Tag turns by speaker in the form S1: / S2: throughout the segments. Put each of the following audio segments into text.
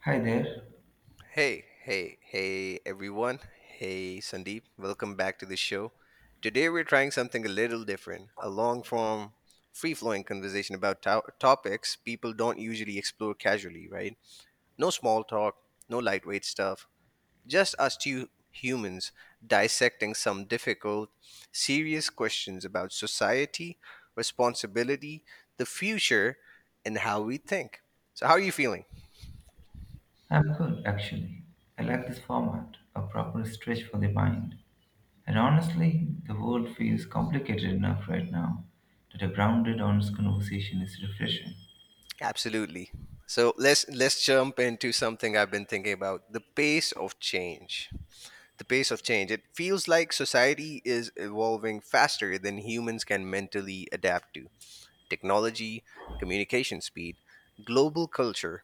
S1: Hi there.
S2: Hey, hey, hey, everyone. Hey, Sandeep. Welcome back to the show. Today, we're trying something a little different a long form, free flowing conversation about topics people don't usually explore casually, right? No small talk, no lightweight stuff, just us two humans dissecting some difficult, serious questions about society, responsibility, the future, and how we think. So, how are you feeling?
S1: I'm good, actually. I like this format, a proper stretch for the mind. And honestly, the world feels complicated enough right now that a grounded, honest conversation is refreshing.
S2: Absolutely. So let's jump into something I've been thinking about, the pace of change. The pace of change. It feels like society is evolving faster than humans can mentally adapt to. Technology, communication speed, global culture.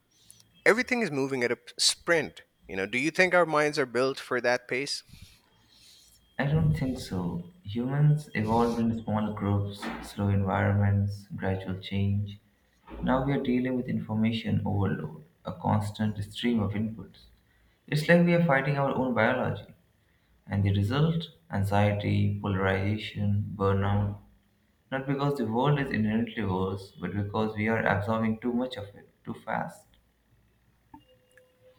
S2: Everything is moving at a sprint. You know, do you think our minds are built for that pace?
S1: I don't think so. Humans evolved in small groups, slow environments, gradual change. Now we are dealing with information overload, a constant stream of inputs. It's like we are fighting our own biology. And the result? Anxiety, polarization, burnout. Not because the world is inherently worse, but because we are absorbing too much of it, too fast,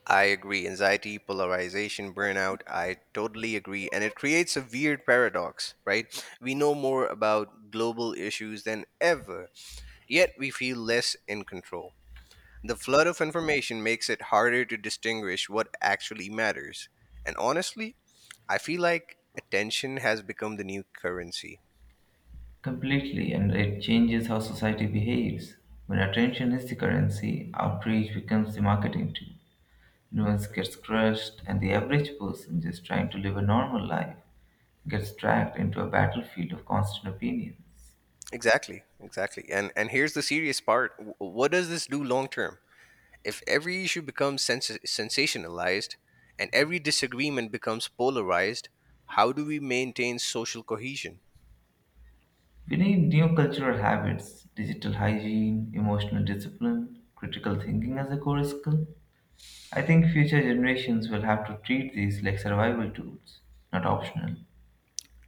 S2: I agree. Anxiety, polarization, burnout, I totally agree. And it creates a weird paradox, right? We know more about global issues than ever, yet we feel less in control. The flood of information makes it harder to distinguish what actually matters. And honestly, I feel like attention has become the new currency.
S1: completely, and it changes how society behaves. When attention is the currency, outreach becomes the marketing tool. Nuance gets crushed, and the average person just trying to live a normal life gets dragged into a battlefield of constant opinions.
S2: Exactly, exactly. And here's the serious part. What does this do long term? If every issue becomes sensationalized and every disagreement becomes polarized, how do we maintain social cohesion?
S1: We need new cultural habits, digital hygiene, emotional discipline, critical thinking as a core skill. I think future generations will have to treat these like survival tools, not optional.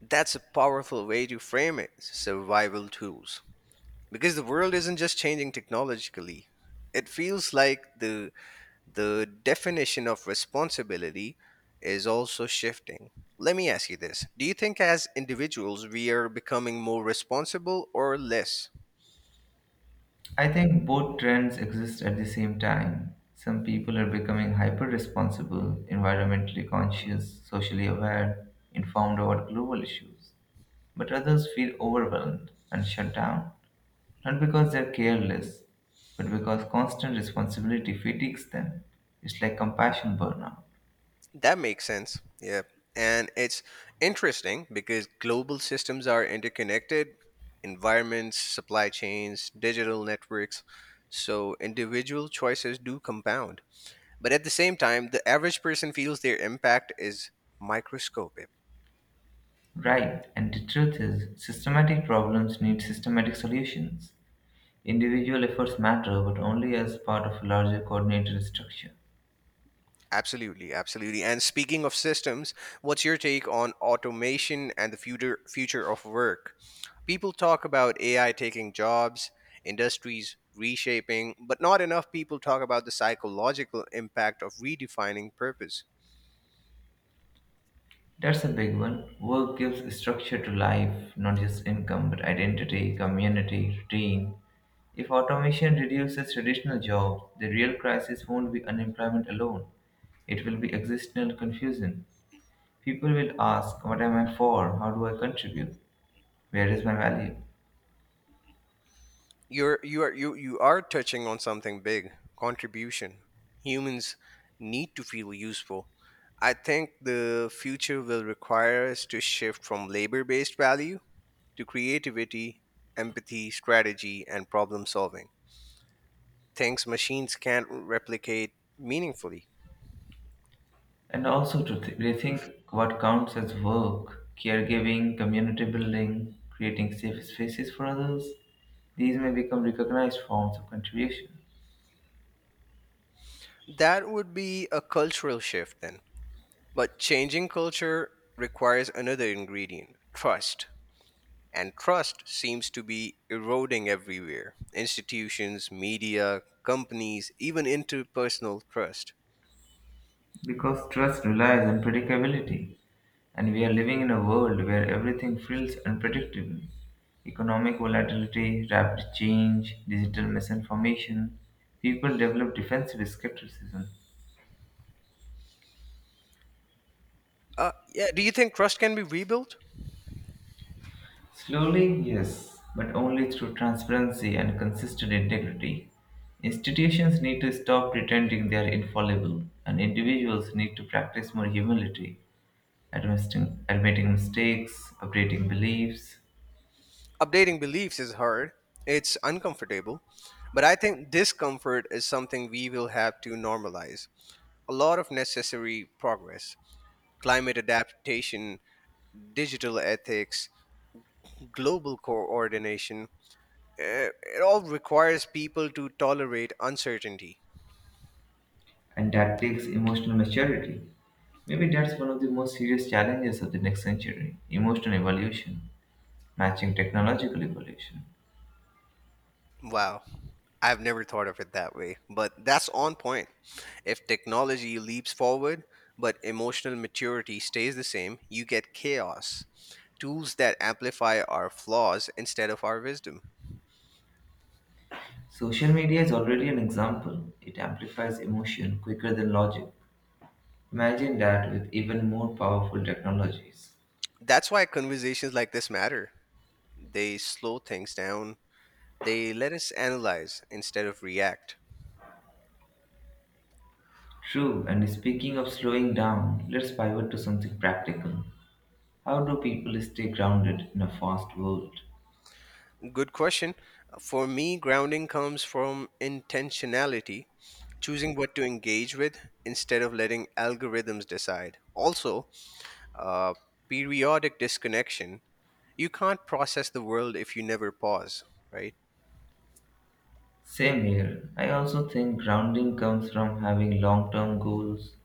S2: That's a powerful way to frame it survival tools. Because the world isn't just changing technologically, it feels like the definition of responsibility is also shifting. Let me ask you this. Do you think as individuals we are becoming more responsible or less?
S1: I think both trends exist at the same time. Some people are becoming hyper responsible, environmentally conscious, socially aware, informed about global issues. But others feel overwhelmed and shut down, not because they're careless, but because constant responsibility fatigues them. It's like compassion burnout.
S2: That makes sense. Yeah. And it's interesting because global systems are interconnected environments, supply chains, digital networks. So individual choices do compound. But at the same time, the average person feels their impact is microscopic.
S1: Right, and the truth is, systematic problems need systematic solutions. Individual efforts matter, but only as part of a larger coordinated structure.
S2: Absolutely, absolutely. And speaking of systems, what's your take on automation and the future of work? People talk about AI taking jobs, industries reshaping, but not enough people talk about the psychological impact of redefining purpose.
S1: That's a big one. Work gives structure to life, not just income, but identity, community, routine. If automation reduces traditional jobs, the real crisis won't be unemployment alone. It will be existential confusion. People will ask, what am I for? How do I contribute? Where is my value?
S2: You are touching on something big, contribution. Humans need to feel useful. I think the future will require us to shift from labor-based values to creativity, empathy, strategy, and problem solving. Things machines can't replicate meaningfully.
S1: And also to rethink what counts as work, caregiving, community building, creating safe spaces for others. These may become recognized forms of contribution
S2: That would be a cultural shift then. But changing culture requires another ingredient, trust. And trust seems to be eroding everywhere, institutions, media, companies, even interpersonal trust.
S1: because trust relies on predictability, and we are living in a world where everything feels unpredictable. Economic volatility, rapid change, digital misinformation, people develop defensive skepticism.
S2: Yeah, do you think trust can be rebuilt?
S1: Slowly, yes, but only through transparency and consistent integrity. Institutions need to stop pretending they are infallible, and individuals need to practice more humility, admitting mistakes, updating beliefs,
S2: Updating beliefs is hard, it's uncomfortable, but I think discomfort is something we will have to normalize. A lot of necessary progress, climate adaptation, digital ethics, global coordination, eh, it all requires people to tolerate uncertainty.
S1: and that takes emotional maturity. Maybe that's one of the most serious challenges of the next century: emotional evolution, matching technological evolution.
S2: Wow. I've never thought of it that way, but that's on point. If technology leaps forward, but emotional maturity stays the same, you get chaos. Tools that amplify our flaws instead of our wisdom.
S1: Social media is already an example, it amplifies emotion quicker than logic. Imagine that with even more powerful technologies.
S2: That's why conversations like this matter. They slow things down, they let us analyze instead of react.
S1: True, and speaking of slowing down, let's pivot to something practical. How do people stay grounded in a fast world?
S2: Good question. For me, grounding comes from intentionality, choosing what to engage with instead of letting algorithms decide. Also, uh, periodic disconnection. You can't process the world if you never pause, right?
S1: Same here. I also think grounding comes from having long term goals,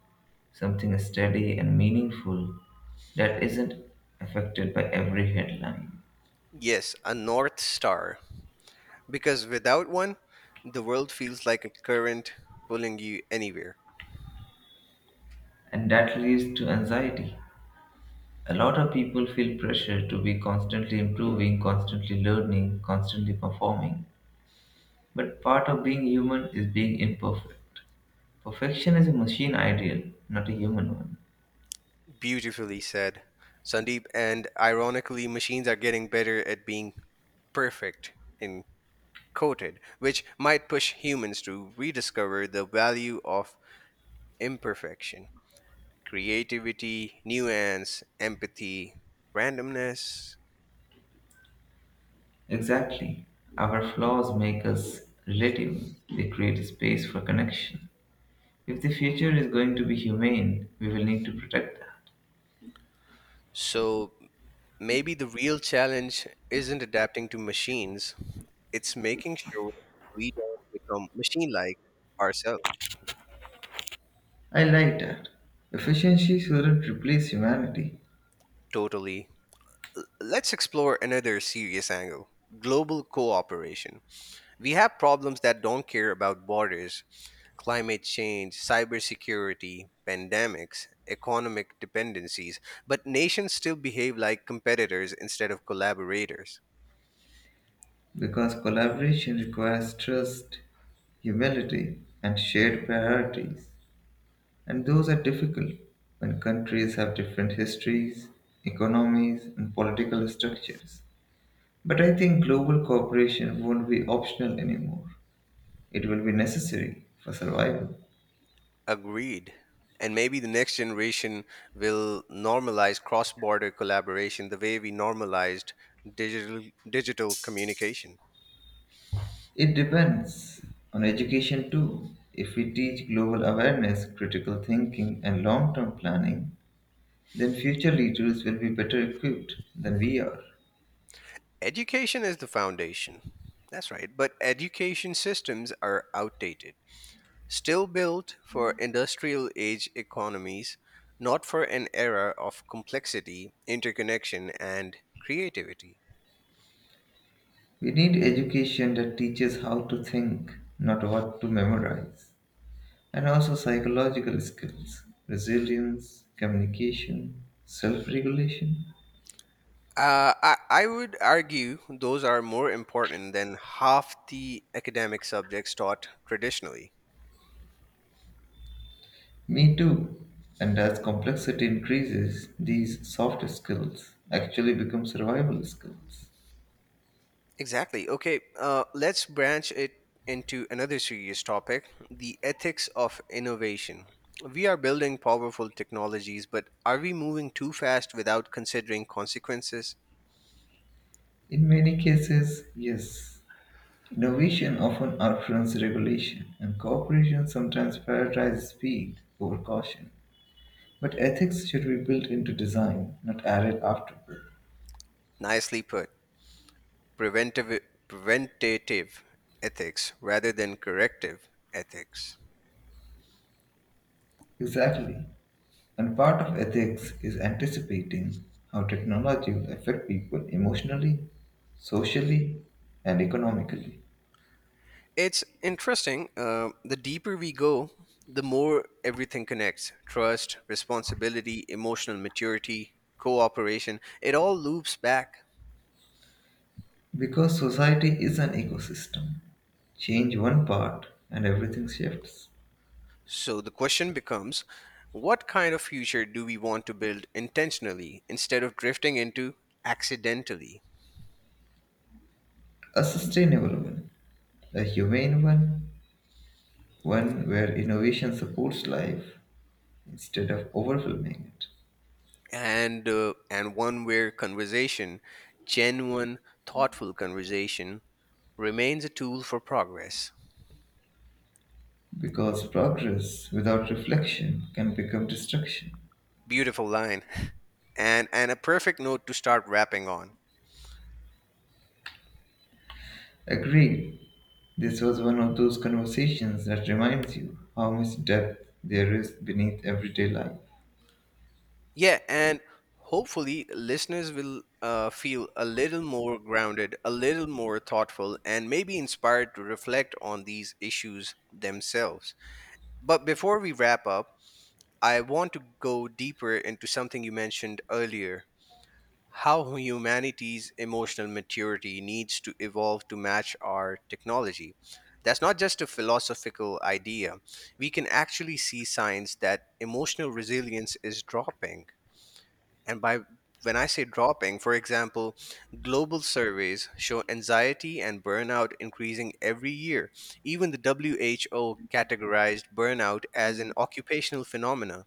S1: something steady and meaningful that isn't affected by every headline.
S2: Yes, a North Star. Because without one, the world feels like a current pulling you anywhere.
S1: And that leads to anxiety. A lot of people feel pressure to be constantly improving, constantly learning, constantly performing. But part of being human is being imperfect. Perfection is a machine ideal, not a human one.
S2: Beautifully said, Sandeep. And ironically, machines are getting better at being perfect, in quoted, which might push humans to rediscover the value of imperfection, creativity, nuance, empathy, randomness.
S1: Exactly. Our flaws make us relatable, they create space for connection. If the future is going to be humane, we will need to protect that.
S2: So maybe the real challenge isn't adapting to machines, it's making sure we don't become machine like ourselves.
S1: I like that. Efficiency shouldn't replace humanity
S2: Totally. Let's explore another serious angle, global cooperation. We have problems that don't care about borders, climate change, cybersecurity, pandemics, economic dependencies, but nations still behave like competitors instead of collaborators.
S1: because collaboration requires trust, humility, and shared priorities. And those are difficult when countries have different histories, economies, and political structures. But I think global cooperation won't be optional anymore. It will be necessary for survival.
S2: Agreed. And maybe the next generation will normalize cross border collaboration the way we normalized digital, digital communication.
S1: It depends on education too. If we teach global awareness, critical thinking, and long term planning, then future leaders will be better equipped than we are.
S2: Education is the foundation. That's right. But education systems are outdated. Still built for industrial age economies, not for an era of complexity, interconnection, and creativity.
S1: We need education that teaches how to think, not what to memorize, and also psychological skills, resilience, communication, self regulation.
S2: I would argue those are more important than half the academic subjects taught traditionally.
S1: Me too. And as complexity increases, these soft skills actually become survival skills.
S2: Exactly. Okay, let's branch it into another serious topic, the ethics of innovation. We are building powerful technologies, but are we moving too fast without considering consequences?
S1: In many cases, yes. Innovation often outruns regulation, and cooperation sometimes prioritizes speed over caution. But ethics should be built into design, not added afterward.
S2: Nicely put. Preventive, preventative ethics rather than corrective ethics.
S1: Exactly. And part of ethics is anticipating how technology will affect people emotionally, socially, and economically.
S2: It's interesting. The deeper we go, the more everything connects, trust, responsibility, emotional maturity, cooperation. It all loops back.
S1: Because society is an ecosystem. Change one part and everything shifts.
S2: So the question becomes, what kind of future do we want to build intentionally instead of drifting into accidentally?
S1: A sustainable one, a humane one, one where innovation supports life instead of overwhelming it.
S2: And one where conversation, genuine, thoughtful conversation, remains a tool for progress.
S1: Because progress without reflection can become destruction.
S2: Beautiful line. And a perfect note to start wrapping on.
S1: Agreed. This was one of those conversations that reminds you how much depth there is beneath everyday life.
S2: Yeah, and hopefully listeners will feel a little more grounded, a little more thoughtful, and maybe inspired to reflect on these issues themselves. But before we wrap up, I want to go deeper into something you mentioned earlier, how humanity's emotional maturity needs to evolve to match our technology. That's not just a philosophical idea. We can actually see signs that emotional resilience is dropping. And by When I say dropping, for example, global surveys show anxiety and burnout increasing every year. Even the WHO categorized burnout as an occupational phenomena.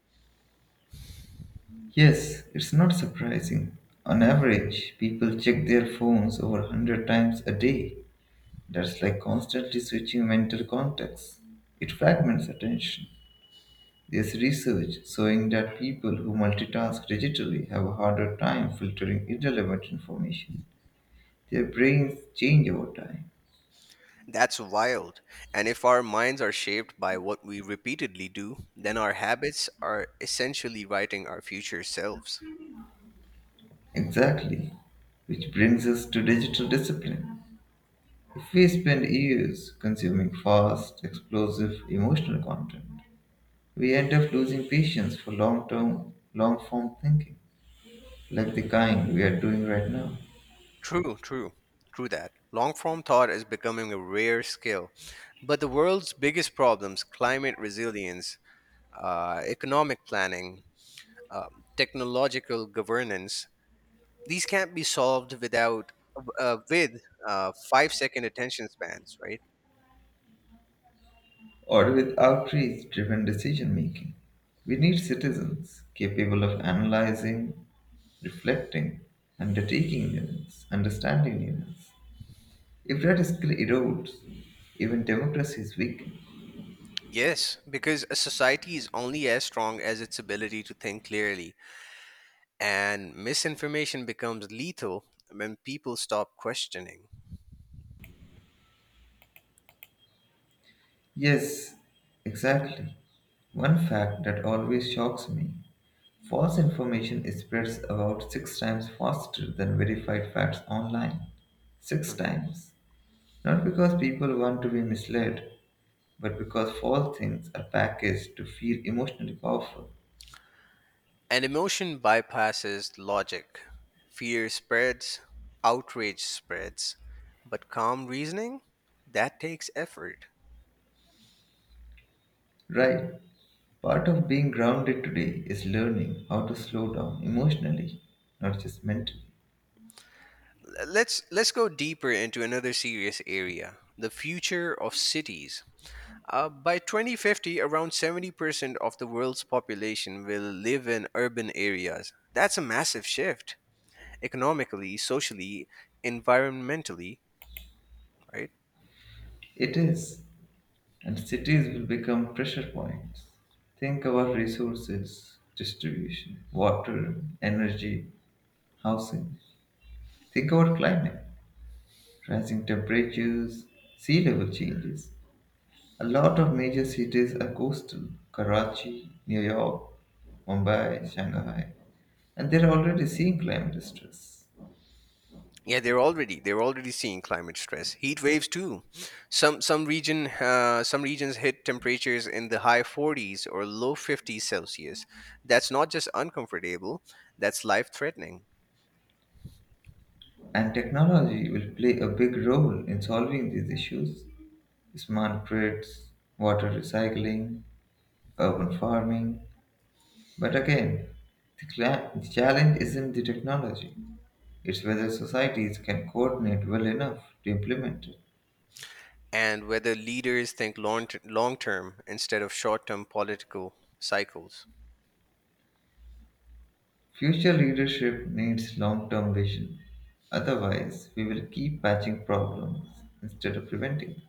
S1: Yes, it's not surprising. On average, people check their phones over 100 times a day. That's like constantly switching mental contexts. It fragments attention. There's research showing that people who multitask digitally have a harder time filtering irrelevant information. Their brains change over time.
S2: That's wild. And if our minds are shaped by what we repeatedly do, then our habits are essentially writing our future selves.
S1: Exactly. Which brings us to digital discipline. If we spend years consuming fast, explosive, emotional content, we end up losing patience for long-term, long-form thinking, like the kind we are doing right now,
S2: True, true, true that. Long form thought is becoming a rare skill. But the world's biggest problems, climate resilience, economic planning, uh, technological governance, these can't be solved without with 5-second attention spans, right?
S1: or with outreach-driven decision-making. We need citizens capable of analyzing, reflecting, undertaking units, understanding units. If that skill erodes, even democracy is weak.
S2: Yes, because a society is only as strong as its ability to think clearly, and misinformation becomes lethal when people stop questioning.
S1: Yes, exactly. One fact that always shocks me: false information is spreads about six times faster than verified facts online. Six
S2: Mm.
S1: times. Not because people want to be misled, but because false things are packaged to feel emotionally powerful.
S2: And emotion bypasses logic. Fear spreads, outrage spreads, but calm reasoning, that takes effort.
S1: Right. Part of being grounded today is learning how to slow down emotionally, not just mentally.
S2: Let's go deeper into another serious area, the future of cities. By 2050, around 70% of the world's population will live in urban areas. That's a massive shift economically, socially, environmentally, right?
S1: It is. And cities will become pressure points. Think about resources, distribution, water, energy, housing. Think about climate, rising temperatures, sea level changes. A lot of major cities are coastal: Karachi, New York, Mumbai, Shanghai, and they're already seeing climate stress.
S2: Yeah, they're already seeing climate stress, heat waves too. Some regions hit temperatures in the high 40s or low 50s Celsius. That's not just uncomfortable, that's life-threatening.
S1: And technology will play a big role in solving these issues. Smart grids, water recycling, urban farming. But again, the challenge isn't the technology, it's whether societies can coordinate well enough to implement it.
S2: And whether leaders think long term instead of short-term political cycles.
S1: Future leadership needs long term vision. Otherwise, we will keep patching problems instead of preventing them.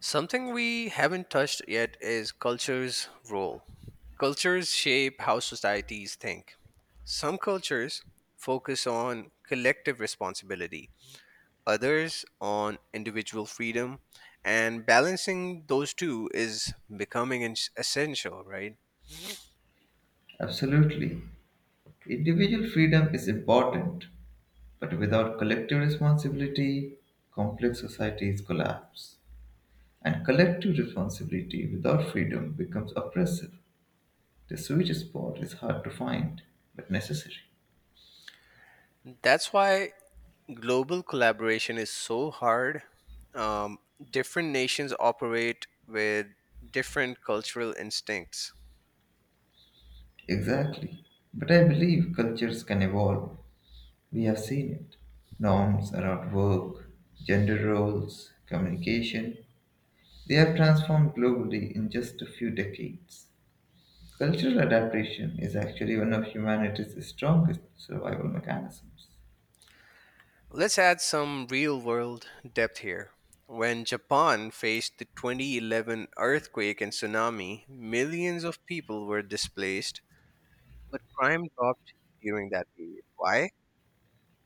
S2: Something we haven't touched yet is culture's role. Cultures shape how societies think. Some cultures focus on collective responsibility, others on individual freedom, and balancing those two is becoming essential, right?
S1: Absolutely. Individual freedom is important, but without collective responsibility, complex societies collapse. And collective responsibility without freedom becomes oppressive. The sweet spot is hard to find, but necessary.
S2: That's why global collaboration is so hard. Um, different nations operate with different cultural instincts.
S1: Exactly. But I believe cultures can evolve. We have seen it. Norms around work, gender roles, communication, they have transformed globally in just a few decades. Cultural adaptation is actually one of humanity's strongest survival mechanisms.
S2: Let's add some real world depth here. When Japan faced the 2011 earthquake and tsunami, millions of people were displaced, but crime dropped during that period. Why?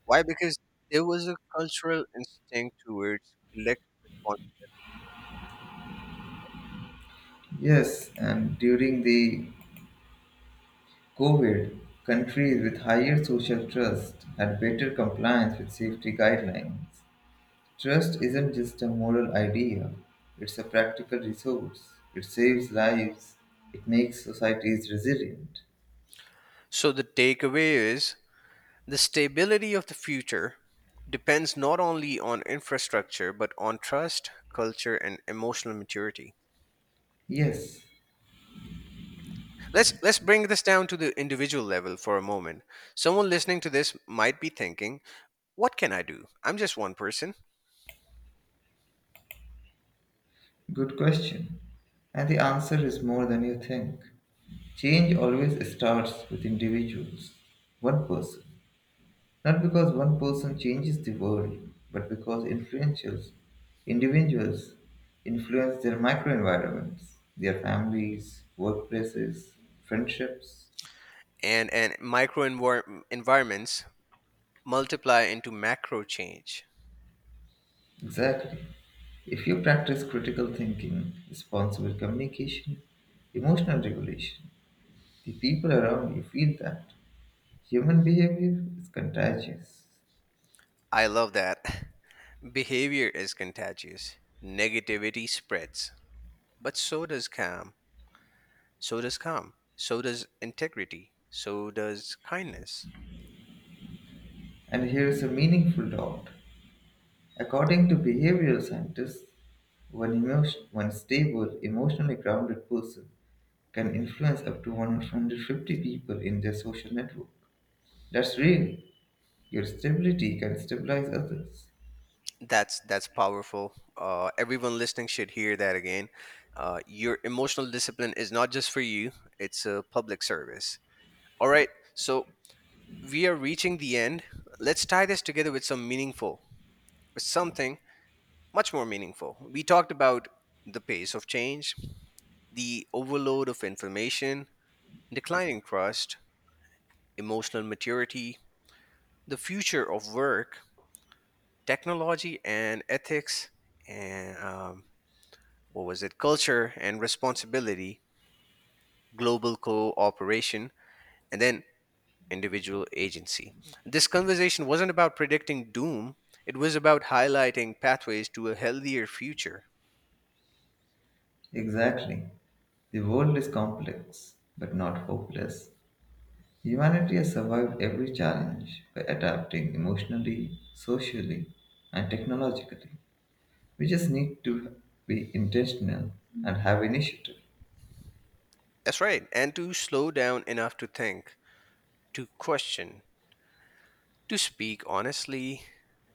S2: Why? Because there was a cultural instinct towards collective response.
S1: Yes, and during the COVID, countries with higher social trust had better compliance with safety guidelines. Trust isn't just a moral idea, it's a practical resource. It saves lives, it makes societies resilient.
S2: So the takeaway is, the stability of the future depends not only on infrastructure, but on trust, culture, and emotional maturity.
S1: Yes,
S2: Let's bring this down to the individual level for a moment. Someone listening to this might be thinking, "What can I do? I'm just one person."
S1: good question. And the answer is more than you think. Change always starts with individuals, one person. Not because one person changes the world, but because influentials, individuals influence their microenvironments, their families, workplaces, friendships.
S2: And micro environments multiply into macro change.
S1: Exactly. If you practice critical thinking, responsible communication, emotional regulation, the people around you feel that. Human behavior is contagious.
S2: I love that. Behavior is contagious. Negativity spreads, but so does calm. So does calm. So does integrity. So does kindness.
S1: And here is a meaningful thought. According to behavioral scientists, one, emotion, one stable, emotionally grounded person can influence up to 150 people in their social network. That's real. Your stability can stabilize others.
S2: That's powerful. Everyone listening should hear that again. Your emotional discipline is not just for you; it's a public service. All right, so we are reaching the end. Let's tie this together with something much more meaningful. We talked about the pace of change, the overload of information, declining trust, emotional maturity, the future of work, technology, and ethics, and what was it? Culture and responsibility, global cooperation, and then individual agency. This conversation wasn't about predicting doom, it was about highlighting pathways to a healthier future.
S1: Exactly. The world is complex, but not hopeless. Humanity has survived every challenge by adapting emotionally, socially, and technologically. We just need to be intentional and have initiative,
S2: That's right, and to slow down enough to think, to question, to speak honestly,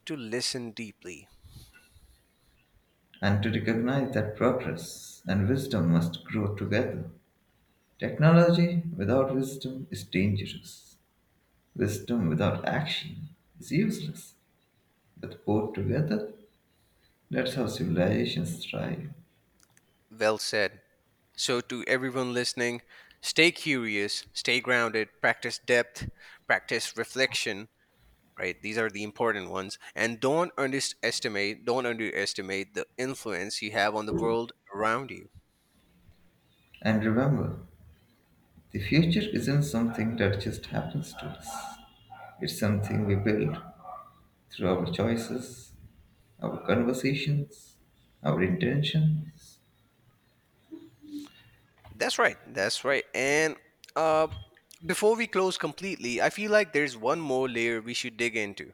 S2: to listen deeply.
S1: and to recognize that progress and wisdom must grow together. Technology without wisdom is dangerous. Wisdom without action is useless. But both together, that's how civilizations thrive.
S2: Well said. So, to everyone listening, stay curious, stay grounded, practice depth, practice reflection, right, these are the important ones, and don't underestimate the influence you have on the world around you.
S1: And remember, the future isn't something that just happens to us. It's something we build through our choices, our conversations, our intentions.
S2: That's right. That's right. And uh before we close completely, I feel like there's one more layer we should dig into,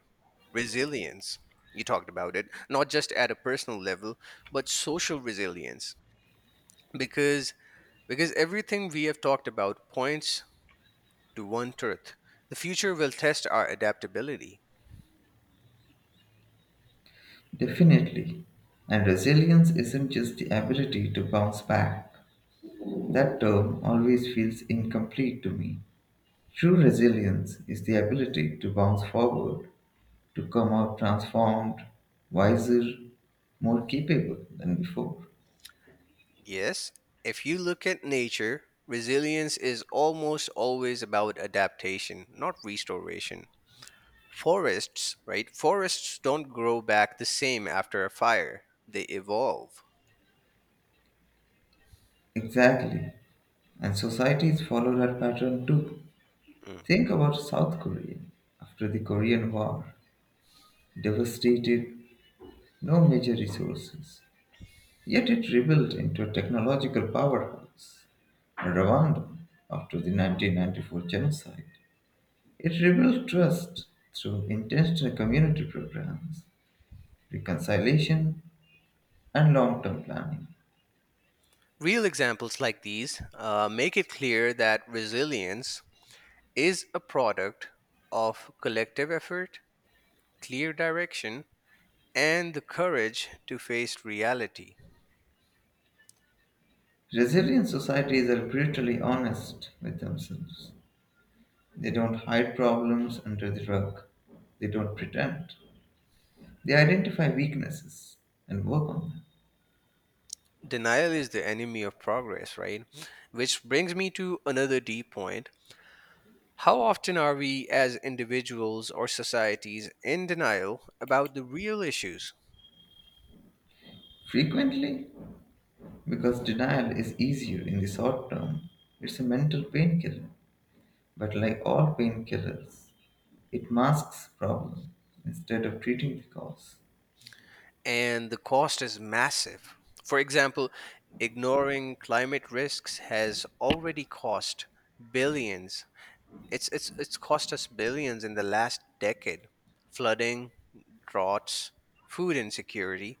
S2: resilience. You talked about it not just at a personal level, but social resilience, because everything we have talked about points to one truth, the future will test our adaptability.
S1: Definitely. And resilience isn't just the ability to bounce back. That term always feels incomplete to me. True resilience is the ability to bounce forward, to come out transformed, wiser, more capable than before.
S2: Yes, if you look at nature, resilience is almost always about adaptation, not restoration. Forests, right? Forests don't grow back the same after a fire, they evolve.
S1: Exactly. And societies follow that pattern too.
S2: Mm.
S1: Think about South Korea. After the Korean War, devastated, no major resources. Yet it rebuilt into a technological powerhouse. Rwanda, after the 1994 genocide, it rebuilt trust through intentional community programs, reconciliation, and long term planning.
S2: Real examples like these make it clear that resilience is a product of collective effort, clear direction, and the courage to face reality.
S1: Resilient societies are brutally honest with themselves. They don't hide problems under the rug. They don't pretend. They identify weaknesses and work on them.
S2: Denial is the enemy of progress, right? Which brings me to another deep point. How often are we as individuals or societies in denial about the real issues?
S1: Frequently, because denial is easier in the short term, it's a mental painkiller. But like all painkillers, it masks problem instead of treating the cause.
S2: And the cost is massive. For example, ignoring climate risks has already cost billions. It's cost us billions in the last decade. Flooding, droughts, food insecurity.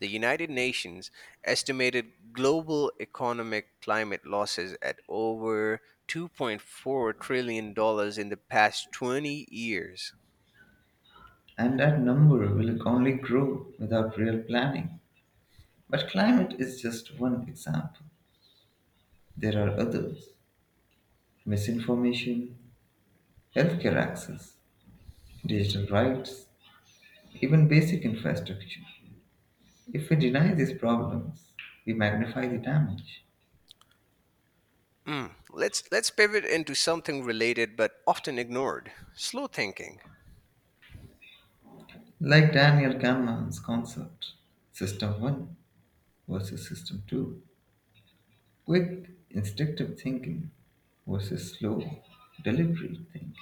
S2: The United Nations estimated global economic climate losses at over $2.4 trillion in the past 20 years.
S1: And that number will only grow without real planning. But climate is just one example. There are others: misinformation, healthcare access, digital rights, even basic infrastructure. If we deny these problems, we magnify the damage.
S2: Mm. Let's pivot into something related but often ignored. Slow thinking.
S1: Like Daniel Kahneman's concept, System 1 versus System 2, quick, instinctive thinking versus slow, deliberate thinking.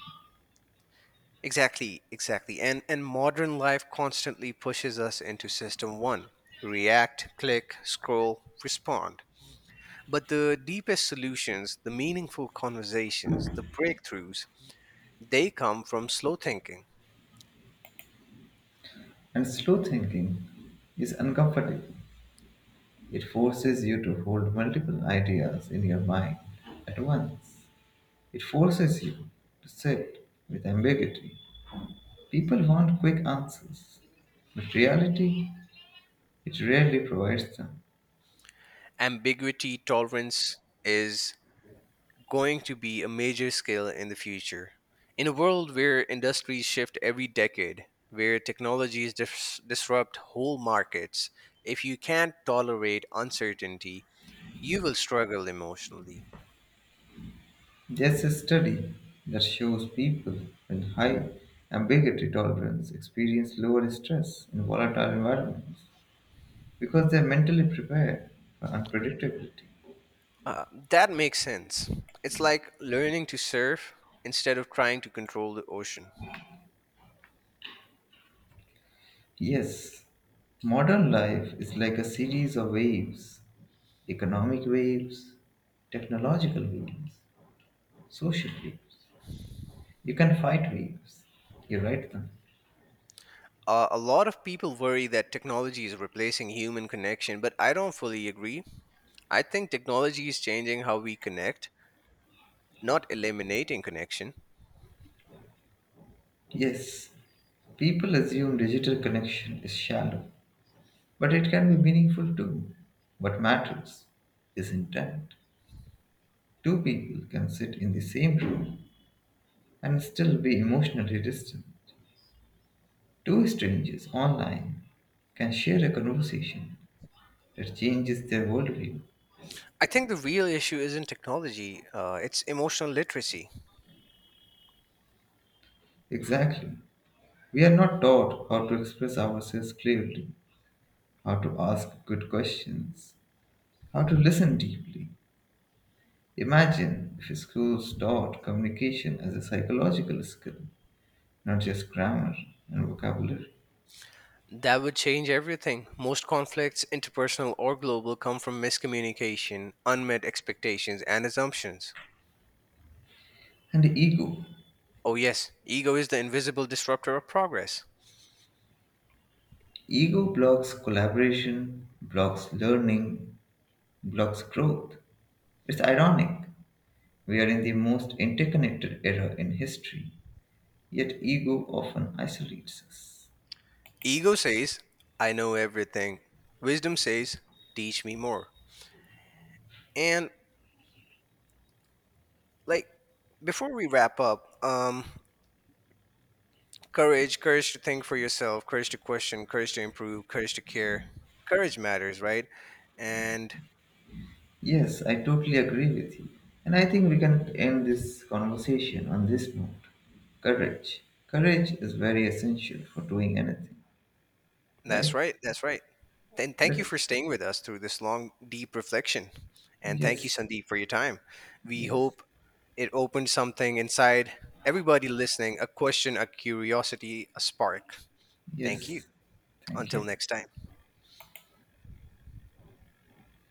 S2: Exactly, exactly. And modern life constantly pushes us into system 1. React, click, scroll, respond. But the deepest solutions, the meaningful conversations, the breakthroughs, they come from slow thinking.
S1: And slow thinking is uncomfortable. It forces you to hold multiple ideas in your mind at once. It forces you to sit with ambiguity. People want quick answers, but reality, it rarely provides them.
S2: Ambiguity tolerance is going to be a major skill in the future. In a world where industries shift every decade, where technologies disrupt whole markets, if you can't tolerate uncertainty, you will struggle emotionally.
S1: There's a study that shows people with high ambiguity tolerance experience lower stress in volatile environments because they're mentally prepared for unpredictability.
S2: Uh, that makes sense. It's like learning to surf instead of trying to control the ocean.
S1: Yes, modern life is like a series of waves: economic waves, technological waves, social waves. You can fight waves, you ride them.
S2: A lot of people worry that technology is replacing human connection, but I don't fully agree. I think technology is changing how we connect, not eliminating connection.
S1: Yes, people assume digital connection is shallow, but it can be meaningful too. What matters is intent. Two people can sit in the same room and still be emotionally distant. Two strangers online can share a conversation that changes their worldview.
S2: I think the real issue isn't technology, it's emotional literacy.
S1: Exactly. We are not taught how to express ourselves clearly, how to ask good questions, how to listen deeply. Imagine if schools taught communication as a psychological skill, not just grammar and vocabulary
S2: That would change everything. Most conflicts, interpersonal or global, come from miscommunication, unmet expectations, and assumptions.
S1: and ego.
S2: Oh, yes, ego is the invisible disruptor of progress.
S1: Ego blocks collaboration, blocks learning, blocks growth. It's ironic. We are in the most interconnected era in history, yet ego often isolates us.
S2: Ego says, I know everything. Wisdom says, teach me more. And, like, before we wrap up, courage, courage to think for yourself, courage to question, courage to improve, courage to care. Courage matters, right? And
S1: Yes, I totally agree with you. And I think we can end this conversation on this note: courage. Courage is very essential for doing anything,
S2: that's
S1: right?
S2: right. That's right. Then thank you
S1: Let-
S2: for staying with us through this long, deep reflection. And thank you,
S1: yes,
S2: Sandeep, for your time. We
S1: yes,
S2: hope it opened something inside everybody listening, a question, a curiosity, a spark. Thank you.
S1: yes. Thank
S2: Until
S1: you.
S2: next time.